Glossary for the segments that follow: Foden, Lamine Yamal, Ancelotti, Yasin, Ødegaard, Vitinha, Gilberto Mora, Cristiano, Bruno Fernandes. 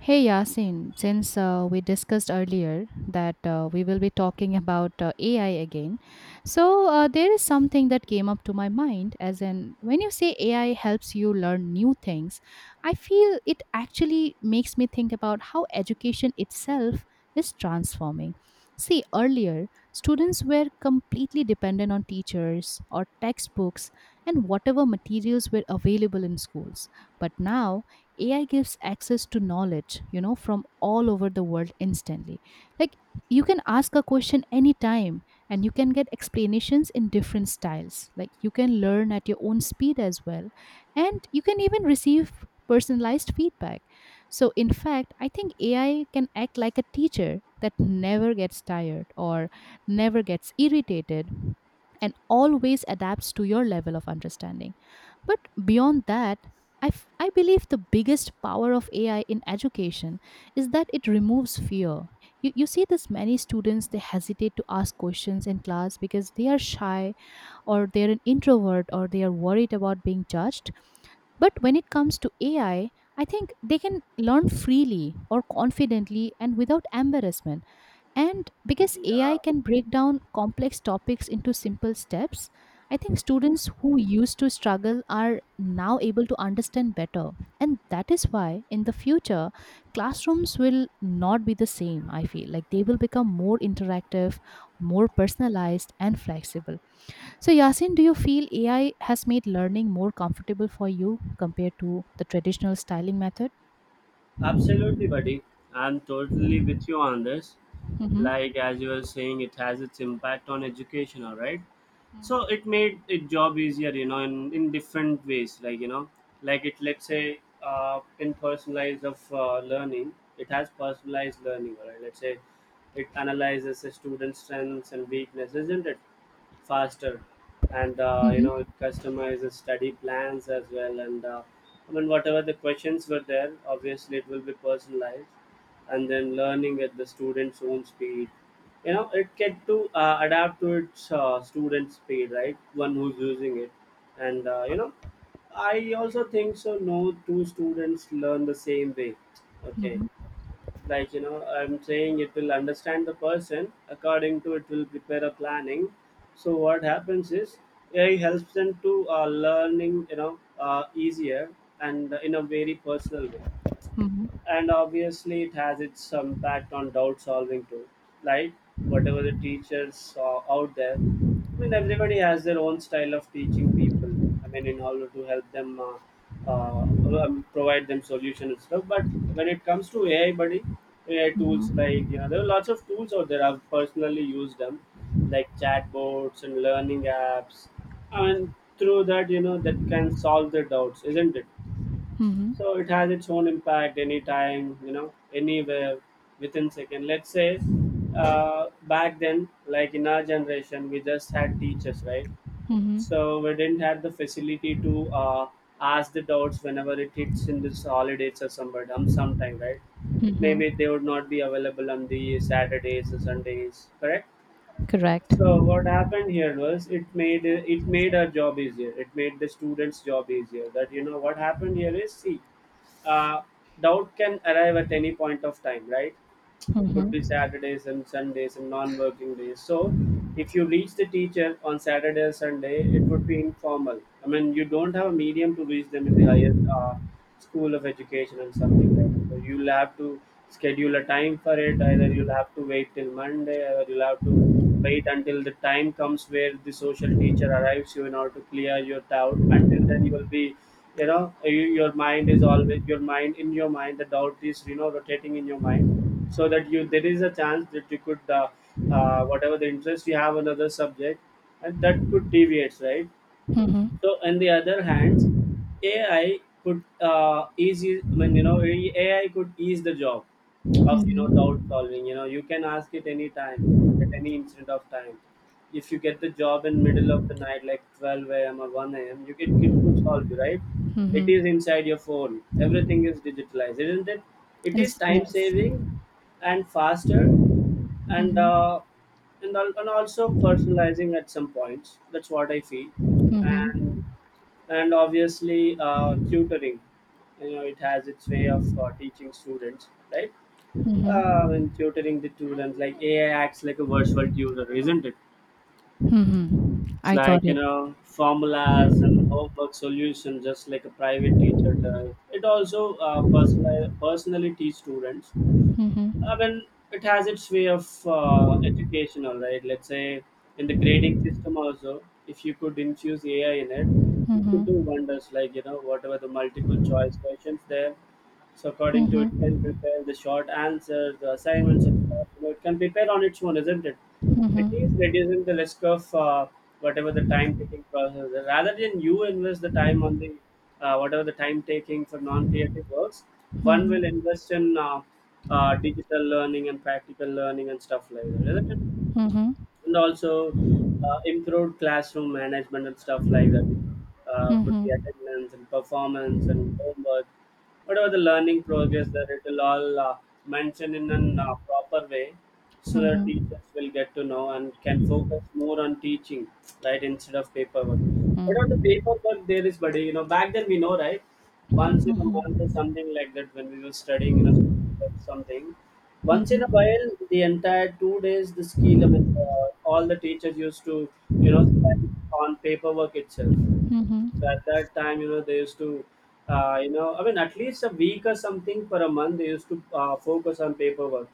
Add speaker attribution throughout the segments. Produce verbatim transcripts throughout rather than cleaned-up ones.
Speaker 1: Hey Yasin, since uh, we discussed earlier that uh, we will be talking about uh, A I again, so uh, there is something that came up to my mind. As in, when you say A I helps you learn new things, I feel it actually makes me think about how education itself is transforming. See, earlier, students were completely dependent on teachers or textbooks and whatever materials were available in schools. But now, A I gives access to knowledge, you know, from all over the world instantly. Like you can ask a question anytime and you can get explanations in different styles. Like you can learn at your own speed as well. And you can even receive personalized feedback. So, in fact, I think A I can act like a teacher that never gets tired or never gets irritated and always adapts to your level of understanding. But beyond that, I, f- I believe the biggest power of A I in education is that it removes fear. You, you see this many students, they hesitate to ask questions in class because they are shy or they're an introvert or they are worried about being judged. But when it comes to A I, I I think they can learn freely or confidently and without embarrassment. And because A I
Speaker 2: Yeah,
Speaker 1: can break down complex topics into simple steps, I think students who used to struggle are now able to understand better. And that is why in the future, classrooms will not be the same, I feel. Like they will become more interactive, more personalized, and flexible. So, Yasin, do you feel A I has made learning more comfortable for you compared to the traditional styling method?
Speaker 2: absolutely,
Speaker 1: Mm-hmm.
Speaker 2: buddy. I'm totally with you on this. Like as you were saying, it has its impact on education, all right. So
Speaker 1: Mm-hmm.
Speaker 2: it made it job easier, you know, in, in different ways. Like you know, like it let's say uh, in personalized of uh, learning, it has personalized learning, all right. Let's say it analyzes a student's strengths and weaknesses, isn't it? Faster, and uh, you know it
Speaker 1: Mm-hmm.
Speaker 2: customizes study plans as well, and uh, I mean whatever the questions were there, obviously it will be personalized. And then learning at the student's own speed, you know it can to uh, adapt to its uh, student speed, right? One who's using it. And uh, you know I also think so no two students learn the same way. Okay,
Speaker 1: Mm-hmm.
Speaker 2: like you know I'm saying it will understand the person according to it, will prepare a planning. So what happens is AI helps them to uh, learning, you know uh, easier, and in a very personal way.
Speaker 1: Mm-hmm.
Speaker 2: And obviously it has its impact on doubt solving too. Like, whatever the teachers are out there, I mean everybody has their own style of teaching people. I mean in order to help them uh, uh, um, provide them solution and stuff, but when it comes to AI, buddy, AI tools,
Speaker 1: Mm-hmm.
Speaker 2: like you know there are lots of tools out there, I've personally used them, like chatbots and learning apps. And through that, you know that can solve their doubts, isn't it?
Speaker 1: Mm-hmm.
Speaker 2: So it has its own impact anytime, you know, anywhere, within second. Let's say uh, back then, like in our generation, we just had teachers, right?
Speaker 1: Mm-hmm.
Speaker 2: So we didn't have the facility to uh, ask the doubts whenever it hits in this holidays or somewhere, um, sometime, right? Maybe
Speaker 1: Mm-hmm.
Speaker 2: they would not be available on the Saturdays or Sundays, correct?
Speaker 1: Correct.
Speaker 2: So what happened here was it made, it made our job easier. It made the students' job easier. That you know what happened here is, see, uh, doubt can arrive at any point of time, right? Could be
Speaker 1: Mm-hmm.
Speaker 2: Saturdays and Sundays and non-working days. So if you reach the teacher on Saturday or Sunday, it would be informal. I mean, you don't have a medium to reach them in the higher uh, school of education and something like that. So you'll have to schedule a time for it. Either you'll have to wait till Monday, or you'll have to wait until the time comes where the social teacher arrives you in order to clear your doubt. Until then, you will be, you know you, your mind is always, your mind, in your mind the doubt is, you know rotating in your mind, so that you, there is a chance that you could uh, uh, whatever the interest you have another subject, and that could deviate, right?
Speaker 1: Mm-hmm.
Speaker 2: So, on the other hand, A I could uh, easy. I mean, you know, A I could ease the job of, you know doubt
Speaker 1: Mm-hmm.
Speaker 2: solving. You know, you can ask it any time, at any instant of time. If you get the job in middle of the night, like twelve a m or one a m, you get it could solve you, right. It
Speaker 1: Mm-hmm.
Speaker 2: is inside your phone. Everything is digitalized, isn't it? It is
Speaker 1: Is
Speaker 2: time
Speaker 1: yes.
Speaker 2: saving and faster, and
Speaker 1: Mm-hmm.
Speaker 2: uh, and al- and also personalizing at some points. That's what I feel. and
Speaker 1: Mm-hmm.
Speaker 2: and obviously uh, tutoring, you know it has its way of uh, teaching students, right? Uh,
Speaker 1: Mm-hmm.
Speaker 2: and tutoring the students, like AI acts like a virtual tutor, isn't it?
Speaker 1: Mm-hmm.
Speaker 2: It's
Speaker 1: I got
Speaker 2: like, you
Speaker 1: it.
Speaker 2: know formulas and homework solutions, just like a private teacher does. It also uh, personal, personally teach students. I
Speaker 1: Mm-hmm.
Speaker 2: mean, it has its way of uh, educational, right? Let's say in the grading system also, if you could infuse A I in it, it could do
Speaker 1: Mm-hmm.
Speaker 2: wonders. Like, you know, whatever the multiple choice questions there, so according to it, can
Speaker 1: Mm-hmm.
Speaker 2: prepare the short answers, the assignments, and stuff. You know, it can prepare on its own, isn't it? It is
Speaker 1: Mm-hmm.
Speaker 2: reducing the risk of uh, whatever the time taking process. Rather than you invest the time on the uh, whatever the time taking for non-creative works,
Speaker 1: Mm-hmm.
Speaker 2: one
Speaker 1: Mm-hmm.
Speaker 2: will
Speaker 1: Mm-hmm.
Speaker 2: invest in uh, uh, digital learning and practical learning and stuff like that, isn't it?
Speaker 1: Mm-hmm.
Speaker 2: And also uh, improved classroom management and stuff like that. Uh, could be attendance and performance and homework, whatever the learning progress, that it will all uh, mention in a uh, proper way, so that teachers will get to know and can focus more on teaching, right, instead of paperwork. Whatever the paperwork there is, buddy, you know, back then we know, right, once in a month or something like that when we were studying in a something. Once in a
Speaker 1: Mm-hmm.
Speaker 2: while, the entire two days, the skill, I mean, uh, all the teachers used to, you know spend on paperwork itself. So at that time, you know they used to uh, you know I mean at least a week or something for a month, they used to uh, focus on paperwork,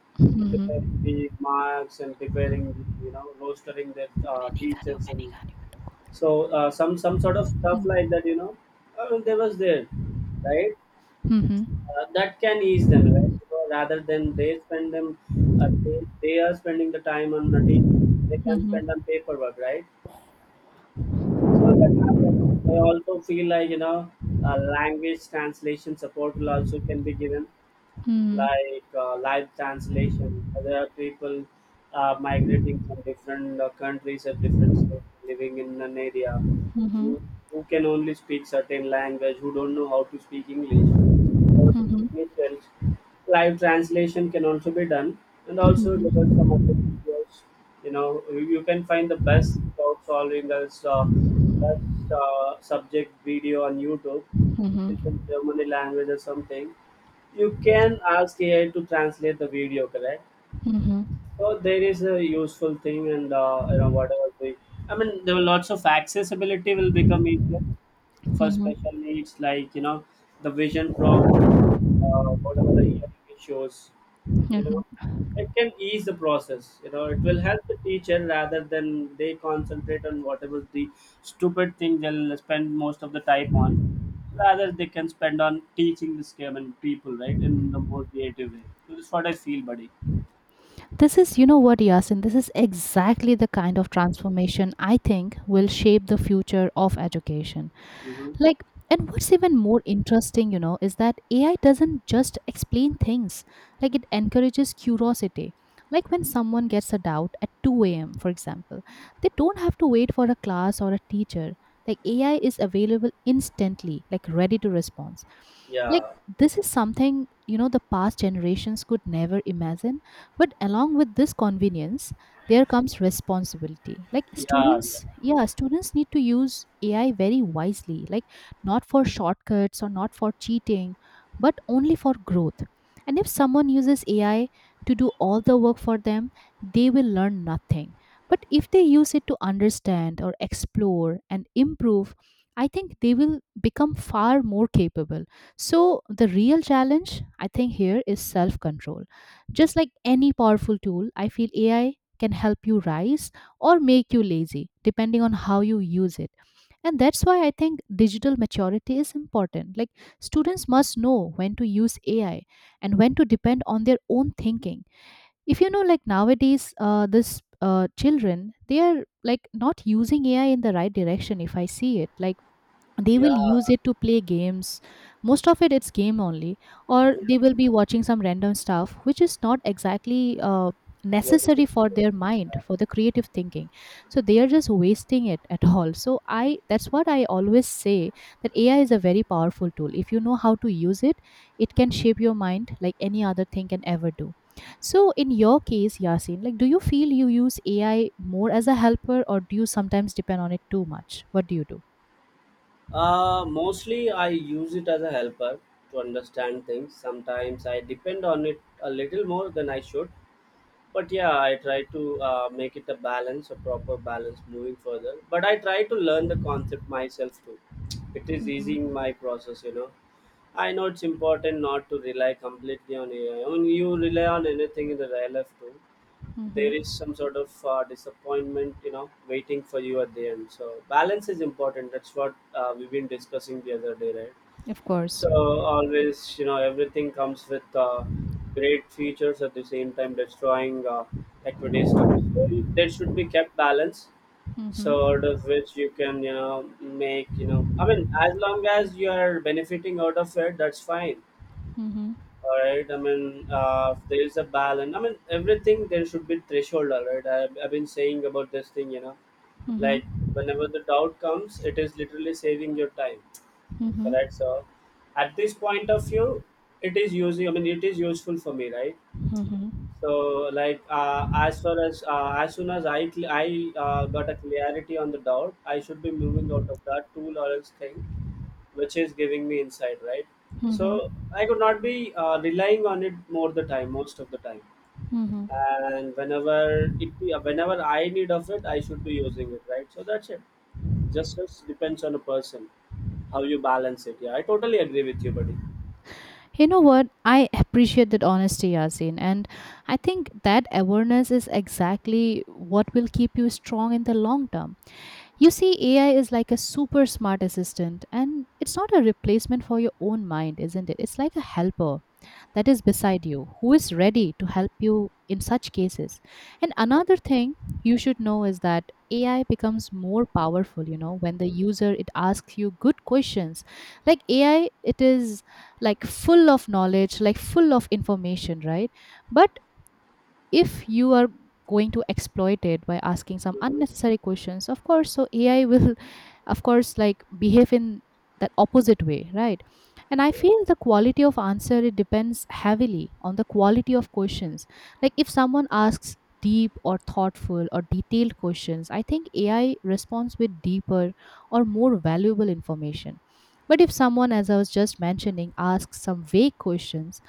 Speaker 2: preparing
Speaker 1: Mm-hmm.
Speaker 2: the marks and preparing the, you know rostering their uh,
Speaker 1: मैंने कहा नहीं,
Speaker 2: teachers and,
Speaker 1: मैंने कहा नहीं, मैं तुमको-
Speaker 2: so uh, some some sort of stuff like
Speaker 1: hmm,
Speaker 2: that, you know uh, there was there, right?
Speaker 1: Hmm, hmm,
Speaker 2: Uh, that can ease them, right? Because rather than they spend them uh, they, they are spending the time on nothing, they can
Speaker 1: hmm,
Speaker 2: spend on paperwork, right? So that happens. I also feel like, you know uh, language translation support will also can be given,
Speaker 1: hmm,
Speaker 2: like uh, live translation. There are people uh, migrating from different uh, countries at different states, living in an area
Speaker 1: hmm,
Speaker 2: who,
Speaker 1: hmm,
Speaker 2: who can only speak certain language, who don't know how to speak English. So,
Speaker 1: hmm,
Speaker 2: it helps. Live translation can also be done, and also there are
Speaker 1: hmm,
Speaker 2: some other videos. You know, you you can find the best problem solving as uh, best uh, subject video on YouTube,
Speaker 1: Mhm.
Speaker 2: which is in Germany language or something. You can ask A I to translate the video, correct?
Speaker 1: Mhm.
Speaker 2: So there is a useful thing, and uh, you know whatever the, I mean, there are lots of accessibility will become easier for
Speaker 1: Mhm.
Speaker 2: special needs, like you know the vision problem, uh, whatever the hearing issues, you know
Speaker 1: Mhm.
Speaker 2: it can ease the process. You know, it will help the teacher rather than they concentrate on whatever the stupid thing, they'll spend most of the time on, rather they can spend on teaching the game and people, right, in the more creative way. So that's what I feel, buddy.
Speaker 1: This is, you know what, Yasin, this is exactly the kind of transformation I think will shape the future of education.
Speaker 2: Mm-hmm.
Speaker 1: Like, and what's even more interesting, you know, is that A I doesn't just explain things, like, it encourages curiosity. Like, when someone gets a doubt at two a m, for example, they don't have to wait for a class or a teacher. Like, A I is available instantly, like, ready to respond. Like,
Speaker 2: yeah
Speaker 1: this is something you know the past generations could never imagine. But along with this convenience there comes responsibility. Like
Speaker 2: yeah yeah
Speaker 1: students, yeah, students need to use AI very wisely. Like, not for shortcuts or not for cheating, but only for growth. And if someone uses AI to do all the work for them, they will learn nothing, but if they use it to understand or explore and improve, I think they will become far more capable. So, the real challenge, I think, here is self control. Just like any powerful tool, I feel A I can help you rise or make you lazy, depending on how you use it. And that's why I think digital maturity is important. Like, students must know when to use A I and when to depend on their own thinking. If you know, like, nowadays, uh, this uh, children, they are like not using A I in the right direction, if I see it. Like, they
Speaker 2: yeah
Speaker 1: will use it to play games. Most of it, it's game only, or they will be watching some random stuff which is not exactly uh,
Speaker 2: What is it?
Speaker 1: necessary for their mind, for the creative thinking. So they are just wasting it at all. So I that's what I always say, that AI is a very powerful tool. If you know how to use it, it can shape your mind like any other thing can ever do. So in your case, Yasin, like, do you feel you use AI more as a helper, or do you sometimes depend on it too much? What do you do?
Speaker 2: Uh, mostly, I use it as a helper to understand things. Sometimes I depend on it a little more than I should. But yeah, I try to uh, make it a balance, a proper balance moving further. But I try to learn the concept myself too. It is
Speaker 1: Hmm.
Speaker 2: easing my process, you know. I know it's important not to rely completely on A I. I I mean, you rely on anything in the real life too, there
Speaker 1: Mhm.
Speaker 2: is some sort of uh, disappointment, you know waiting for you at the end. So balance is important. That's what uh, we've been discussing the other day, right?
Speaker 1: Of course.
Speaker 2: So always, you know everything comes with uh, great features, at the same time destroying uh, equities too. So there should be kept balance, sort of,
Speaker 1: Mhm.
Speaker 2: which you can, you know make, you know I mean, as long as you are benefiting out of it, that's fine.
Speaker 1: Mhm.
Speaker 2: All right. I mean, uh, there is a balance. I mean, everything there should be threshold. All right. I've, I've been saying about this thing, you know,
Speaker 1: Mhm.
Speaker 2: like whenever the doubt comes, it is literally saving your time.
Speaker 1: Mhm.
Speaker 2: Correct. So, at this point of view, it is using. I mean, it is useful for me, right?
Speaker 1: Mhm.
Speaker 2: So, like, uh, as far as uh, as soon as I cl- I uh, got a clarity on the doubt, I should be moving out of that tool or else thing which is giving me insight, right?
Speaker 1: Mhm.
Speaker 2: So I could not be uh, relying on it more the time, most of the time.
Speaker 1: Mhm.
Speaker 2: And whenever it, Whenever I need of it, I should be using it, right? So that's it. Just, just depends on a person how you balance it. Yeah, I totally agree with you, buddy.
Speaker 1: You know what? I appreciate that honesty, Yasin. And I think that awareness is exactly what will keep you strong in the long term. You see, A I is like a super smart assistant, and it's not a replacement for your own mind, isn't it? It's like a helper that is beside you who is ready to help you in such cases. And another thing you should know is that A I becomes more powerful, you know, when the user it asks you good questions. Like A I, it is like full of knowledge, like full of information, right? But if you are going to exploit it by asking some
Speaker 2: Hmm.
Speaker 1: unnecessary questions, of course, so AI will of course, like, behave in that opposite way, right? And I feel the quality of answer, it depends heavily on the quality of questions. Like if someone asks deep or thoughtful or detailed questions, I think AI responds with deeper or more valuable information. But if someone, as I was just mentioning, asks some vague questions,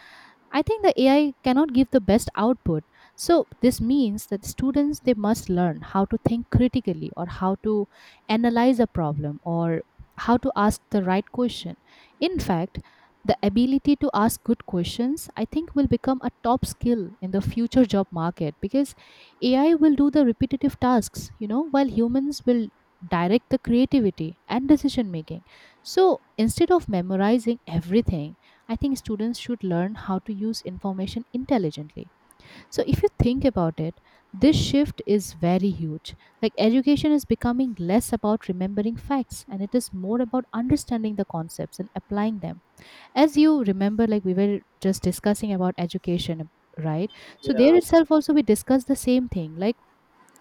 Speaker 1: I think the A I cannot give the best output. So this means that students, they must learn how to think critically, or how to analyze a problem, or how to ask the right question. In fact, the ability to ask good questions, I think, will become a top skill in the future job market, because A I will do the repetitive tasks, you know, while humans will direct the creativity and decision making. So instead of memorizing everything, I think students should learn how to use information intelligently. So, if you think about it, this shift is very huge. Like, education is becoming less about remembering facts, and it is more about understanding the concepts and applying them. As you remember, like, we were just discussing about education, right? So, there
Speaker 2: Yeah,
Speaker 1: itself, also, we discussed the same thing. Like,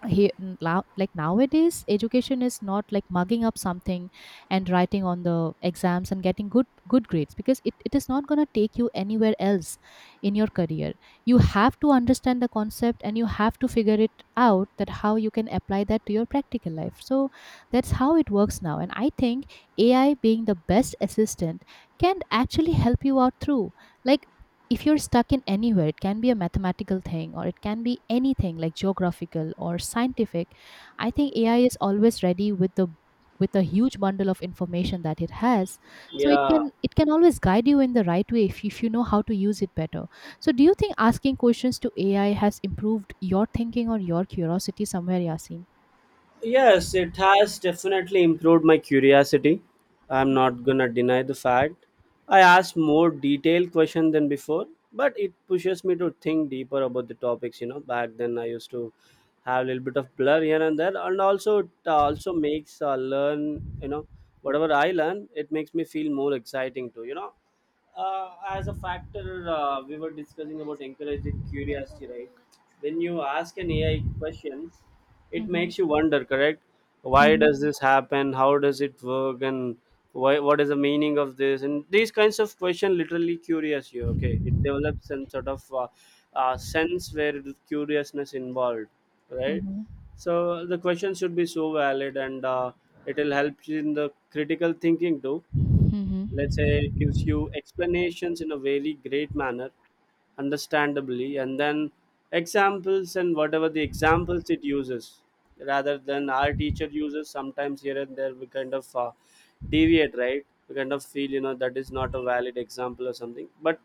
Speaker 1: he n- now, like, nowadays education is not like mugging up something and writing on the exams and getting good good grades, because it, it is not going to take you anywhere else in your career. You have to understand the concept, and you have to figure it out that how you can apply that to your practical life. So that's how it works now. And I think AI, being the best assistant, can actually help you out through, like, if you're stuck in anywhere, it can be a mathematical thing, or it can be anything like geographical or scientific. I think A I is always ready with the, with a huge bundle of information that it has. So it
Speaker 2: yeah.
Speaker 1: can, it can always guide you in the right way, if, if you know how to use it better. So do you think asking questions to AI has improved your thinking or your curiosity somewhere, Yasin?
Speaker 2: Yes, it has definitely improved my curiosity. I'm not gonna deny the fact. I asked more detailed questions than before, but it pushes me to think deeper about the topics. You know, back then I used to have a little bit of blur here and there, and also it also makes uh, learn. You know, whatever I learn, it makes me feel more exciting too. You know, uh, as a factor, uh, we were discussing about encouraging curiosity, right? When you ask an A I question, it
Speaker 1: Mhm,
Speaker 2: makes you wonder, correct? Why
Speaker 1: mhm,
Speaker 2: does this happen, how does it work, and why, what is the meaning of this, and these kinds of question literally curious you. Okay, it develops some sort of uh, uh, sense where the curiousness involved, right?
Speaker 1: mhm,
Speaker 2: So the question should be so valid, and uh, it will help you in the critical thinking too. Let's say it gives you explanations in a very great manner, understandably, and then examples, and whatever the examples it uses rather than our teacher uses. Sometimes here and there we kind of uh, deviate, right? We kind of feel, you know, that is not a valid example or something, but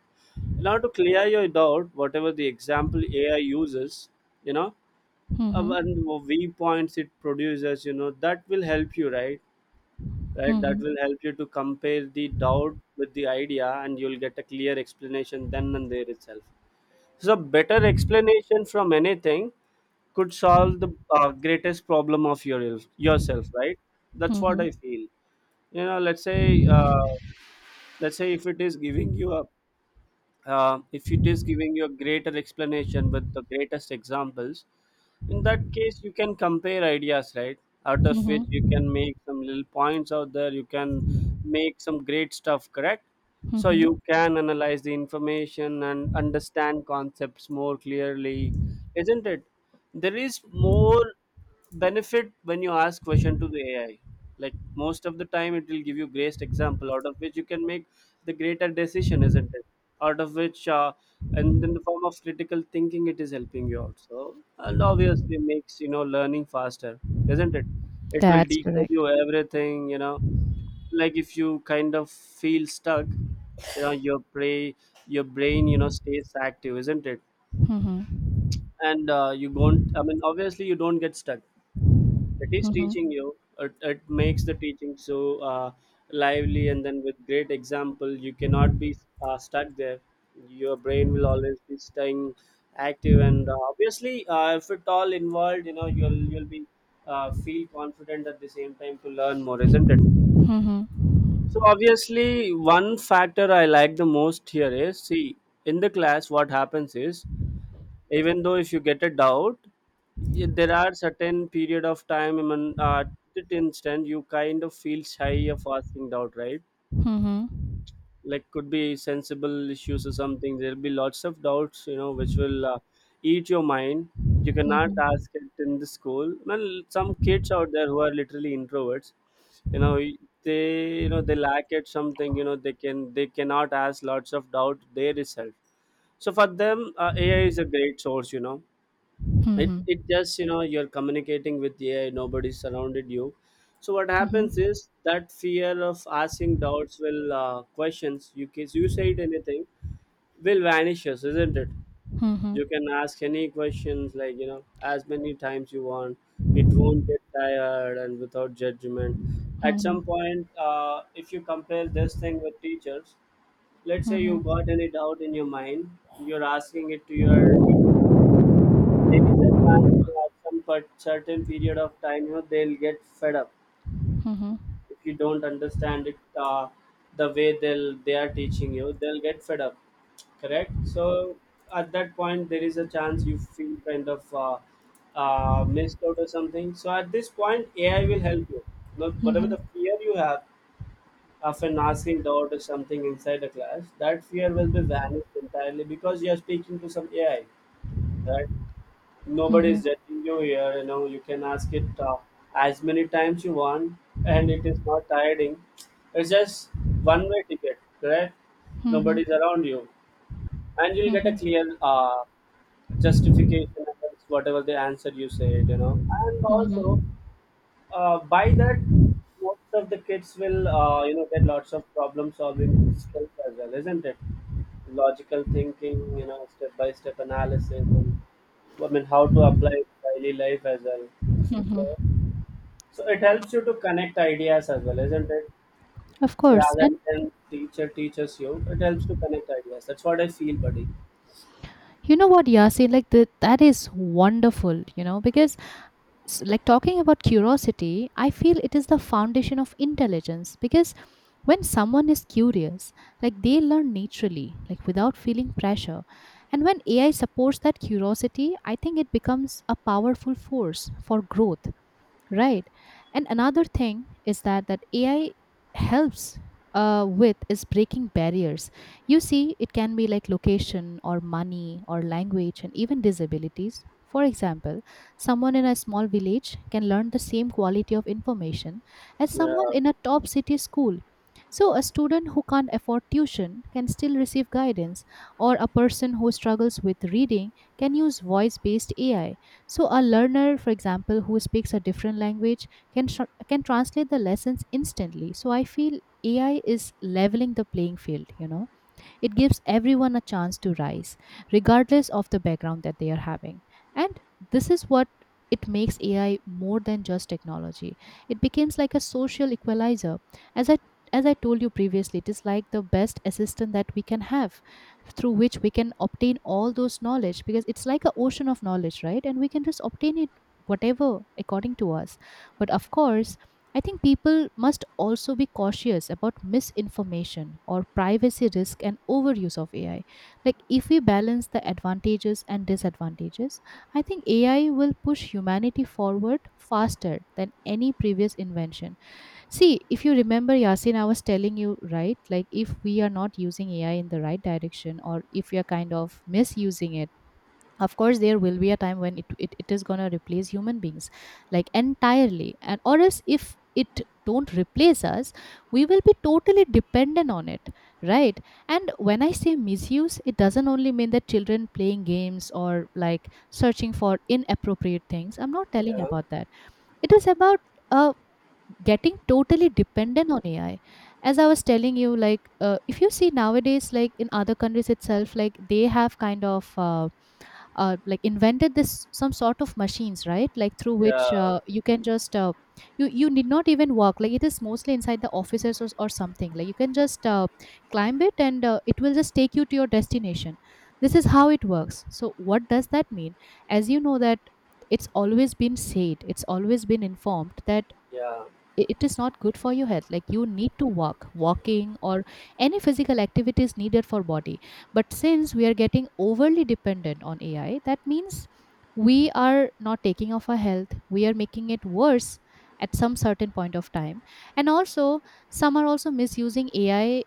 Speaker 2: in order to clear your doubt, whatever the example AI uses, you know, uh,
Speaker 1: mhm,
Speaker 2: and viewpoints it produces, you know, that will help you, right? Right, that
Speaker 1: mhm,
Speaker 2: will help you to compare the doubt with the idea, and you'll get a clear explanation then and there itself. So a better explanation from anything could solve the uh, greatest problem of your yourself, right?
Speaker 1: mhm,
Speaker 2: That's what
Speaker 1: mhm,
Speaker 2: I feel. You know, let's say, uh, let's say if it is giving you a, uh, if it is giving you a greater explanation with the greatest examples, in that case you can compare ideas, right? Out of which
Speaker 1: mhm,
Speaker 2: you can make some little points out there, you can make some great stuff, correct? So you
Speaker 1: mhm.
Speaker 2: can analyze the information and understand concepts more clearly, isn't it? There is more benefit when you ask question to the AI. Like, most of the time it will give you greatest example out of which you can make the greater decision, isn't it? Out of which uh, and in the form of critical thinking it is helping you out. So and obviously makes, you know, learning faster, isn't it? It will
Speaker 1: That's
Speaker 2: decode
Speaker 1: correct.
Speaker 2: you everything, you know. Like if you kind of feel stuck, you know, your brain, your brain, you know, stays active, isn't it?
Speaker 1: Mhm.
Speaker 2: And uh, you don't, I mean, obviously you don't get stuck. It is
Speaker 1: Mhm.
Speaker 2: teaching you, it, it makes the teaching so uh, lively, and then with great example you cannot be uh, stuck there. Your brain will always be staying active, and uh, obviously uh, if it all involved, you know, you'll you'll be uh, feel confident at the same time to learn more, isn't it?
Speaker 1: Mhm.
Speaker 2: So obviously one factor I like the most here is, see, in the class what happens is, even though if you get a doubt, y- there are certain period of time. I mean, uh, at instant you kind of feel shy of asking doubt, right?
Speaker 1: Mhm.
Speaker 2: Like, could be sensible issues or something. There'll be lots of doubts, you know, which will uh, eat your mind. You
Speaker 1: Mhm.
Speaker 2: cannot
Speaker 1: Mhm.
Speaker 2: ask it in the school. Well, some kids out there who are literally introverts, you know, they, you know, they lack at something, you know, they can, they cannot ask lots of doubt their itself. So for them, uh, AI is a great source, you know. it
Speaker 1: Mhm.
Speaker 2: it just, you know, you're communicating with AI, nobody's surrounded you. So what happens
Speaker 1: Mhm.
Speaker 2: is that fear of asking doubts will uh, questions, you can, you say anything, will vanishes, isn't it?
Speaker 1: Mhm.
Speaker 2: You can ask any questions, like, you know, as many times you want. It won't get tired, and without judgment. At
Speaker 1: Mhm.
Speaker 2: some point, uh, if you compare this thing with teachers,
Speaker 1: Mhm.
Speaker 2: let's say you got any
Speaker 1: Mhm.
Speaker 2: doubt in your mind, you're asking it to your teacher, there is a chance you have some, but certain period of time, you know, they'll get fed up.
Speaker 1: Mhm.
Speaker 2: If you don't understand it, uh, the way they'll they are teaching you, they'll get fed up, correct? So at that point there is a chance you feel kind of uh, uh, missed out or something. So at this point AI will help you. Look, whatever the fear you have of asking doubt or something inside the class, that fear will be vanished entirely because you are speaking to some AI, right? Nobody is
Speaker 1: Mhm.
Speaker 2: judging you here. You know, you can ask it uh, as many times you want, and it is not tiring. It's just one-way ticket, correct? Nobody's around you, and you'll get a
Speaker 1: Mhm.
Speaker 2: clear uh, justification against whatever the answer you said. You know, and
Speaker 1: Mhm.
Speaker 2: also, uh, by that, most of the kids will uh, you know get lots of problem-solving skills as well, isn't it? Logical thinking, you know, step by step analysis, and I mean how to apply it to daily life as well. So,
Speaker 1: Mhm.
Speaker 2: so it helps you to connect ideas as well, isn't it?
Speaker 1: Of course.
Speaker 2: Rather
Speaker 1: And
Speaker 2: than teacher teaches you, it helps to connect ideas. That's what I feel, buddy.
Speaker 1: you know what, Yasi, like that that is wonderful, you know, because s- like talking about curiosity, I feel it is the foundation of intelligence, because when someone is curious, like they learn naturally, like without feeling pressure. And when A I supports that curiosity, I think it becomes a powerful force for growth, right? And another thing is that that AI helps uh, with is breaking barriers. You see, it can be like location or money or language and even disabilities. For example, someone in a small village can learn the same quality of information as
Speaker 2: Yeah,
Speaker 1: someone in a top city school. So a student who can't afford tuition can still receive guidance, or a person who struggles with reading can use voice based AI. So a learner, for example, who speaks a different language can tr- can translate the lessons instantly. So I feel A I is leveling the playing field, you know. It gives everyone a chance to rise, regardless of the background that they are having. And this is what it makes A I more than just technology. It becomes like a social equalizer. As I as I told you previously, it is like the best assistant that we can have, through which we can obtain all those knowledge, because it's like an ocean of knowledge, right? And we can just obtain it whatever according to us. But of course, I think people must also be cautious about misinformation or privacy risk and overuse of A I. Like, if we balance the advantages and disadvantages, I think A I will push humanity forward faster than any previous invention. See, if you remember, Yasin, I was telling you, right? Like, if we are not using A I in the right direction or if we are kind of misusing it, of course there will be a time when it, it, it is going to replace human beings like entirely. And or else if it don't replace us, we will be totally dependent on it, right? And when I say misuse, it doesn't only mean that children playing games or like searching for inappropriate things. I'm not telling
Speaker 2: yeah,
Speaker 1: about that. It is about uh, getting totally dependent on AI. As I was telling you, like, uh, if you see nowadays, like in other countries itself, like they have kind of uh, uh, like invented this some sort of machines, right? Like through which
Speaker 2: yeah,
Speaker 1: uh, you can just uh, you you need not even walk. Like it is mostly inside the offices or, or something. Like you can just uh, climb it and uh, it will just take you to your destination. This is how it works. So what does that mean? As you know that it's always been said, it's always been informed that
Speaker 2: yeah,
Speaker 1: i- it is not good for your health. Like you need to walk, walking or any physical activity is needed for body. But since we are getting overly dependent on AI, that means we are not taking of our health, we are making it worse at some certain point of time. And also, some are also misusing AI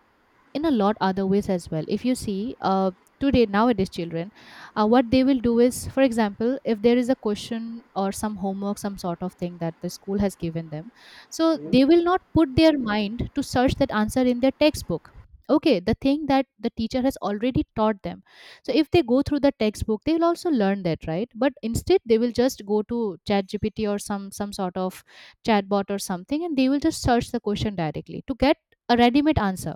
Speaker 1: in a lot other ways as well. If you see, uh, today nowadays children, uh, what they will do is, for example, if there is a question or some homework, some sort of thing that the school has given them, so they
Speaker 2: hmm,
Speaker 1: will not put their mind to search that answer in their textbook. Okay, the thing that the teacher has already taught them. So if they go through the textbook, they will also learn that, right? But instead, they will just go to chat GPT or some some sort of chatbot or something, and they will just search the question directly to get a ready-made answer.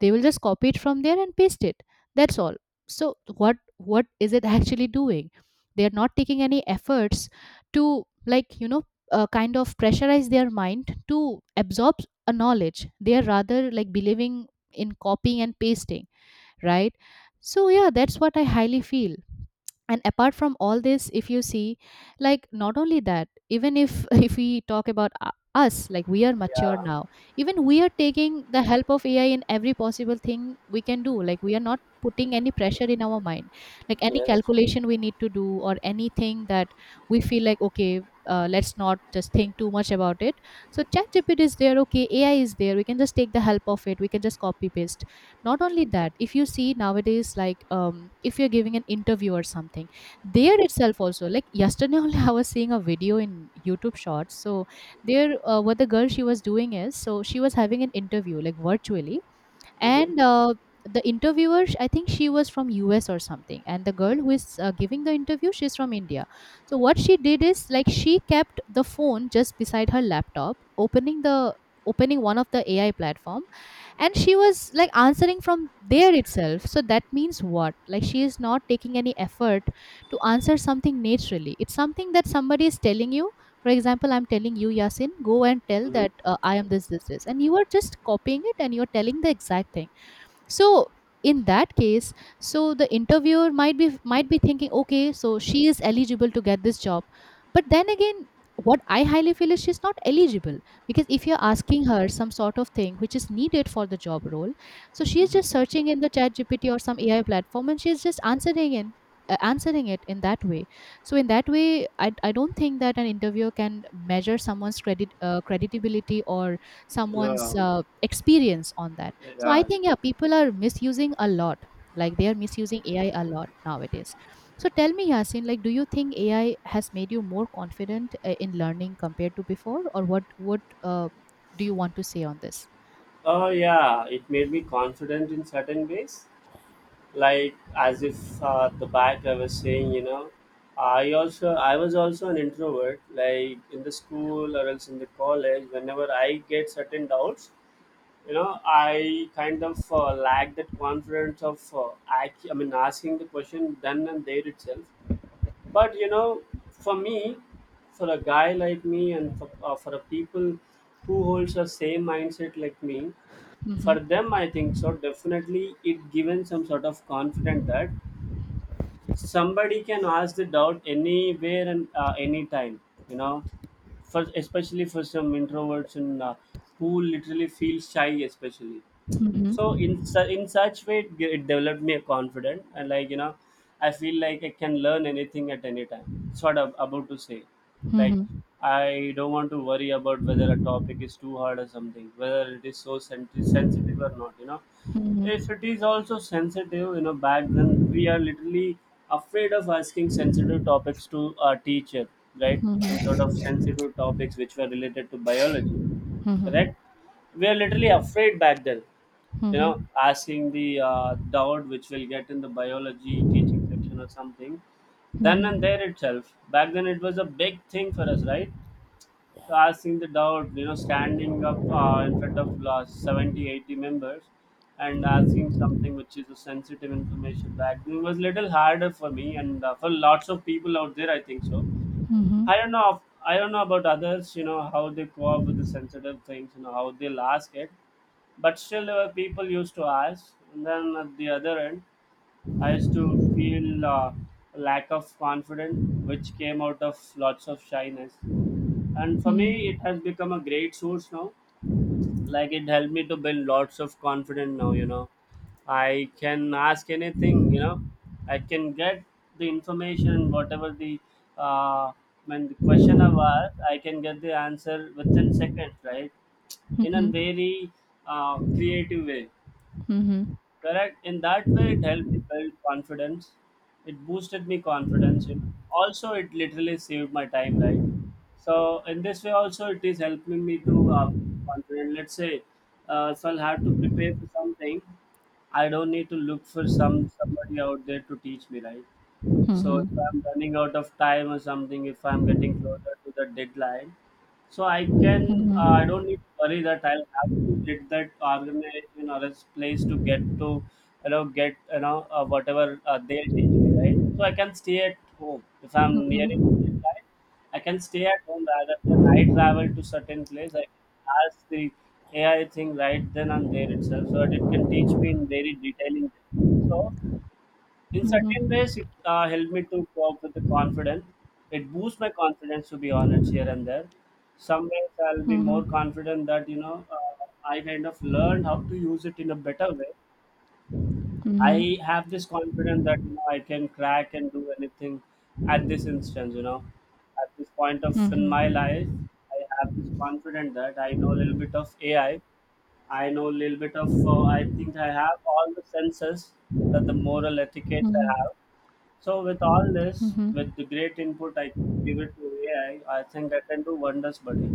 Speaker 1: They will just copy it from there and paste it, that's all. So what what is it actually doing? They are not taking any efforts to, like, you know, uh, kind of pressurize their mind to absorb a knowledge. They are rather like believing in copying and pasting, right? So yeah, that's what I highly feel. And apart from all this, if you see, like, not only that, even if if we talk about u- us, like we are mature
Speaker 2: yeah,
Speaker 1: now, even we are taking the help of AI in every possible thing we can do. Like we are not putting any pressure in our mind, like any
Speaker 2: yes.
Speaker 1: calculation we need to do or anything, that we feel like, okay, uh, let's not just think too much about it. So chat is there, okay, AI is there, we can just take the help of it, we can just copy paste. Not only that, if you see nowadays, like, um, if you're giving an interview or something, there
Speaker 2: Mm-hmm.
Speaker 1: itself also, like yesterday only I was seeing a video in YouTube shorts. So there, uh, what the girl she was doing is, so she was having an interview like virtually,
Speaker 2: Mm-hmm.
Speaker 1: and uh, the interviewer sh- I think she was from US or something, and the girl who is uh, giving the interview, she's from India. So what she did is, like, she kept the phone just beside her laptop, opening the, opening one of the AI platform, and she was like answering from there itself. So that means what, like she is not taking any effort to answer something naturally. It's something that somebody is telling you, for example, I'm telling you, Yasin, go and tell
Speaker 2: Mm-hmm.
Speaker 1: that uh, I am this this this, and you are just copying it and you're telling the exact thing. So in that case, so the interviewer might be might be thinking, okay, so she is eligible to get this job, but then again, what I highly feel is she's not eligible. Because if you're asking her some sort of thing which is needed for the job role, so she is
Speaker 2: Mm-hmm.
Speaker 1: just searching in the chat GPT or some AI platform, and she's just answering in, uh, answering it in that way. So in that way I, I don't think that an interviewer can measure someone's credit, uh, credibility or
Speaker 2: Yeah,
Speaker 1: someone's uh, experience on that.
Speaker 2: yeah,
Speaker 1: So I
Speaker 2: yeah.
Speaker 1: think, yeah, people are misusing a lot. Like they are misusing A I a lot nowadays. So tell me, Yasin, like, do you think A I has made you more confident uh, in learning compared to before, or what? What uh, do you want to say on this?
Speaker 2: Oh yeah, it made me confident in certain ways. Like, as if uh, the back I was saying, you know, I also I was also an introvert. Like in the school or else in the college, whenever I get certain doubts, you know, I kind of uh, lack that confidence of uh, ac- I mean asking the question then and there itself. But you know, for me, for a guy like me, and for, uh, for a people who holds the same mindset like me, for
Speaker 1: Mm-hmm.
Speaker 2: them I think so, definitely it given some sort of confidence, that somebody can ask the doubt anywhere and uh, anytime, you know, for, especially for some introverts, and uh, who literally feel shy, especially. So in
Speaker 1: Mm-hmm.
Speaker 2: su- in such way it, ge- it developed me a confident, and like, you know, I feel like I can learn anything at any time. It's what I'm about to say. Like,
Speaker 1: Mm-hmm.
Speaker 2: I don't want to worry about whether a topic is too hard or something, whether it is so senti- sensitive or not, you know. If
Speaker 1: Mm-hmm.
Speaker 2: it is also sensitive, you know, back then we are literally afraid of asking sensitive topics to our teacher, right? Some sort
Speaker 1: Mm-hmm.
Speaker 2: of sensitive topics which were related to biology,
Speaker 1: Mm-hmm.
Speaker 2: correct? We are literally afraid back then, you know, asking the uh, doubt which we'll get in the biology teaching section or something then and
Speaker 1: Mm-hmm.
Speaker 2: there itself. Back then it was a big thing for us, right? So asking the doubt, you know, standing up uh, in front of uh, seventy, eighty members, and asking something which is a sensitive information back then was little harder for me and uh, for lots of people out there, I think so.
Speaker 1: Mm-hmm.
Speaker 2: I
Speaker 1: Mm-hmm.
Speaker 2: don't know, I don't know about others. You know how they cope with the sensitive things, you know how they'll ask it, but still, there were people used to ask. And then at the other end, I used to feel uh, lack of confidence, which came out of lots of shyness. And for me, it has become a great source now. Like, it helped me to build lots of confidence now, you know, I can ask anything, you know, I can get the information, whatever the, uh, when the question I've asked, I can get the answer within seconds, right? In
Speaker 1: Mm-hmm.
Speaker 2: a
Speaker 1: Mhm.
Speaker 2: very uh, creative way.
Speaker 1: Mhm.
Speaker 2: Correct. In that way, it helped me build confidence. It boosted me confidence, you know. Also, it literally saved my time, right? So in this way, also, it is helping me to uh, confident. Let's say, uh, if I'll have to prepare for something, I don't need to look for some somebody out there to teach me, right? So if I'm running out of time or something, if I'm getting closer to the deadline, so I can, uh, I don't need to worry that I'll have to get that organization or its place to get to, you know, get, you know, uh, whatever uh, they teach me, right. So I can stay at home if I'm nearing the deadline. I can stay at home rather than I travel to certain place. I can ask the A I thing right then and there itself, so that it can teach me in very detailing. So in certain ways
Speaker 1: Mhm.
Speaker 2: it uh, helped me to cope with the confidence. It boosts my confidence, to be honest, here and there. Some ways I'll be more
Speaker 1: Mhm.
Speaker 2: confident, that you know, uh, I kind of learned how to use it in a better way. I
Speaker 1: Mhm.
Speaker 2: have this confidence that, you know, I can crack and do anything at this instance, you know. At this point of in my
Speaker 1: Mhm.
Speaker 2: life, I have this confidence that I know a little bit of AI, i I know a little bit of uh, I think I have all the senses, uh, the moral etiquettes I
Speaker 1: Mhm.
Speaker 2: have. So with all this, with
Speaker 1: Mhm.
Speaker 2: the great input I could give it to A I, I I think that can do wonders, buddy.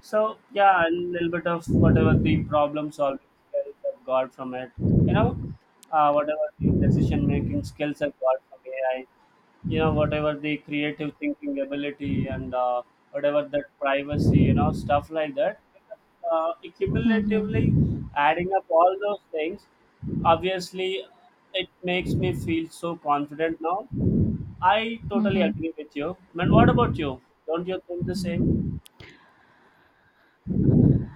Speaker 2: So yeah, a little bit of whatever the problem solving skills I've got from it, you know, uh, whatever the decision making skills I've got from A I, you know, whatever the creative thinking ability, and uh, whatever that privacy, you know, stuff like that. Uh, Cumulatively
Speaker 1: Mhm.
Speaker 2: adding up all those things, obviously it makes me feel so confident now. I totally
Speaker 1: Mhm.
Speaker 2: agree with you. Man, what about you? Don't you think the same?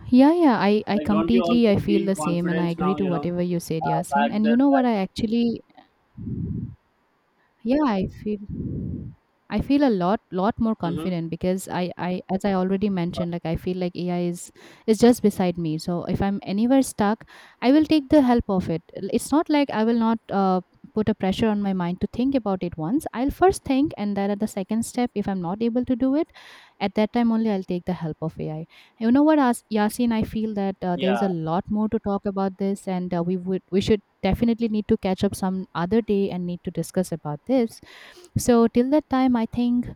Speaker 1: Yeah, yeah. I I
Speaker 2: Like, don't you
Speaker 1: completely,
Speaker 2: also
Speaker 1: I feel
Speaker 2: feel
Speaker 1: the same, and I
Speaker 2: confidence
Speaker 1: agree
Speaker 2: now?
Speaker 1: to
Speaker 2: You know,
Speaker 1: whatever you said,
Speaker 2: uh, back
Speaker 1: Yasin. And
Speaker 2: then.
Speaker 1: you know what?
Speaker 2: Back,
Speaker 1: I actually, yeah, I feel, I feel a lot lot more
Speaker 2: mm-hmm.
Speaker 1: confident because I I as I already mentioned, like I feel like A I is is just beside me. So if I'm anywhere stuck, I will take the help of it. It's not like I will not uh, put a pressure on my mind to think about it once. I'll first think, and then at the second step if I'm not able to do it, at that time only I'll take the help of A I. You know what, As- Yasin, I feel that uh, there's
Speaker 2: Yeah,
Speaker 1: a lot more to talk about this, and uh, we would we should definitely need to catch up some other day and need to discuss about this. So till that time, I think,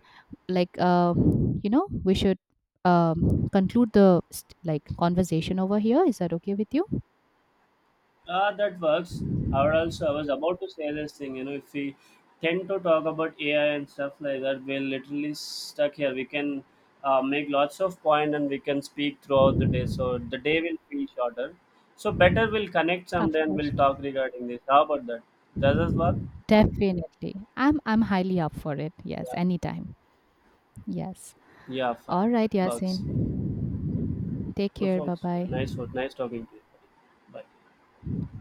Speaker 1: like, uh, you know, we should um, conclude the st- like conversation over here. Is that okay with you?
Speaker 2: uh, that works. Or else, I was about to say this thing. You know, if we tend to talk about A I and stuff like that, we're literally stuck here. We can uh, make lots of point, and we can speak throughout the day. So the day will feel shorter. So better we'll connect
Speaker 1: Of
Speaker 2: someday and we'll
Speaker 1: course.
Speaker 2: talk regarding this. How about that? Does this work?
Speaker 1: Definitely. I'm I'm highly up for it. Yes,
Speaker 2: Yeah.
Speaker 1: anytime. Yes.
Speaker 2: Yeah, fine.
Speaker 1: All right,
Speaker 2: Bugs.
Speaker 1: Yasin. Take
Speaker 2: Look,
Speaker 1: care. Bye
Speaker 2: folks, nice,
Speaker 1: bye.
Speaker 2: work. Nice talking to you. Bye.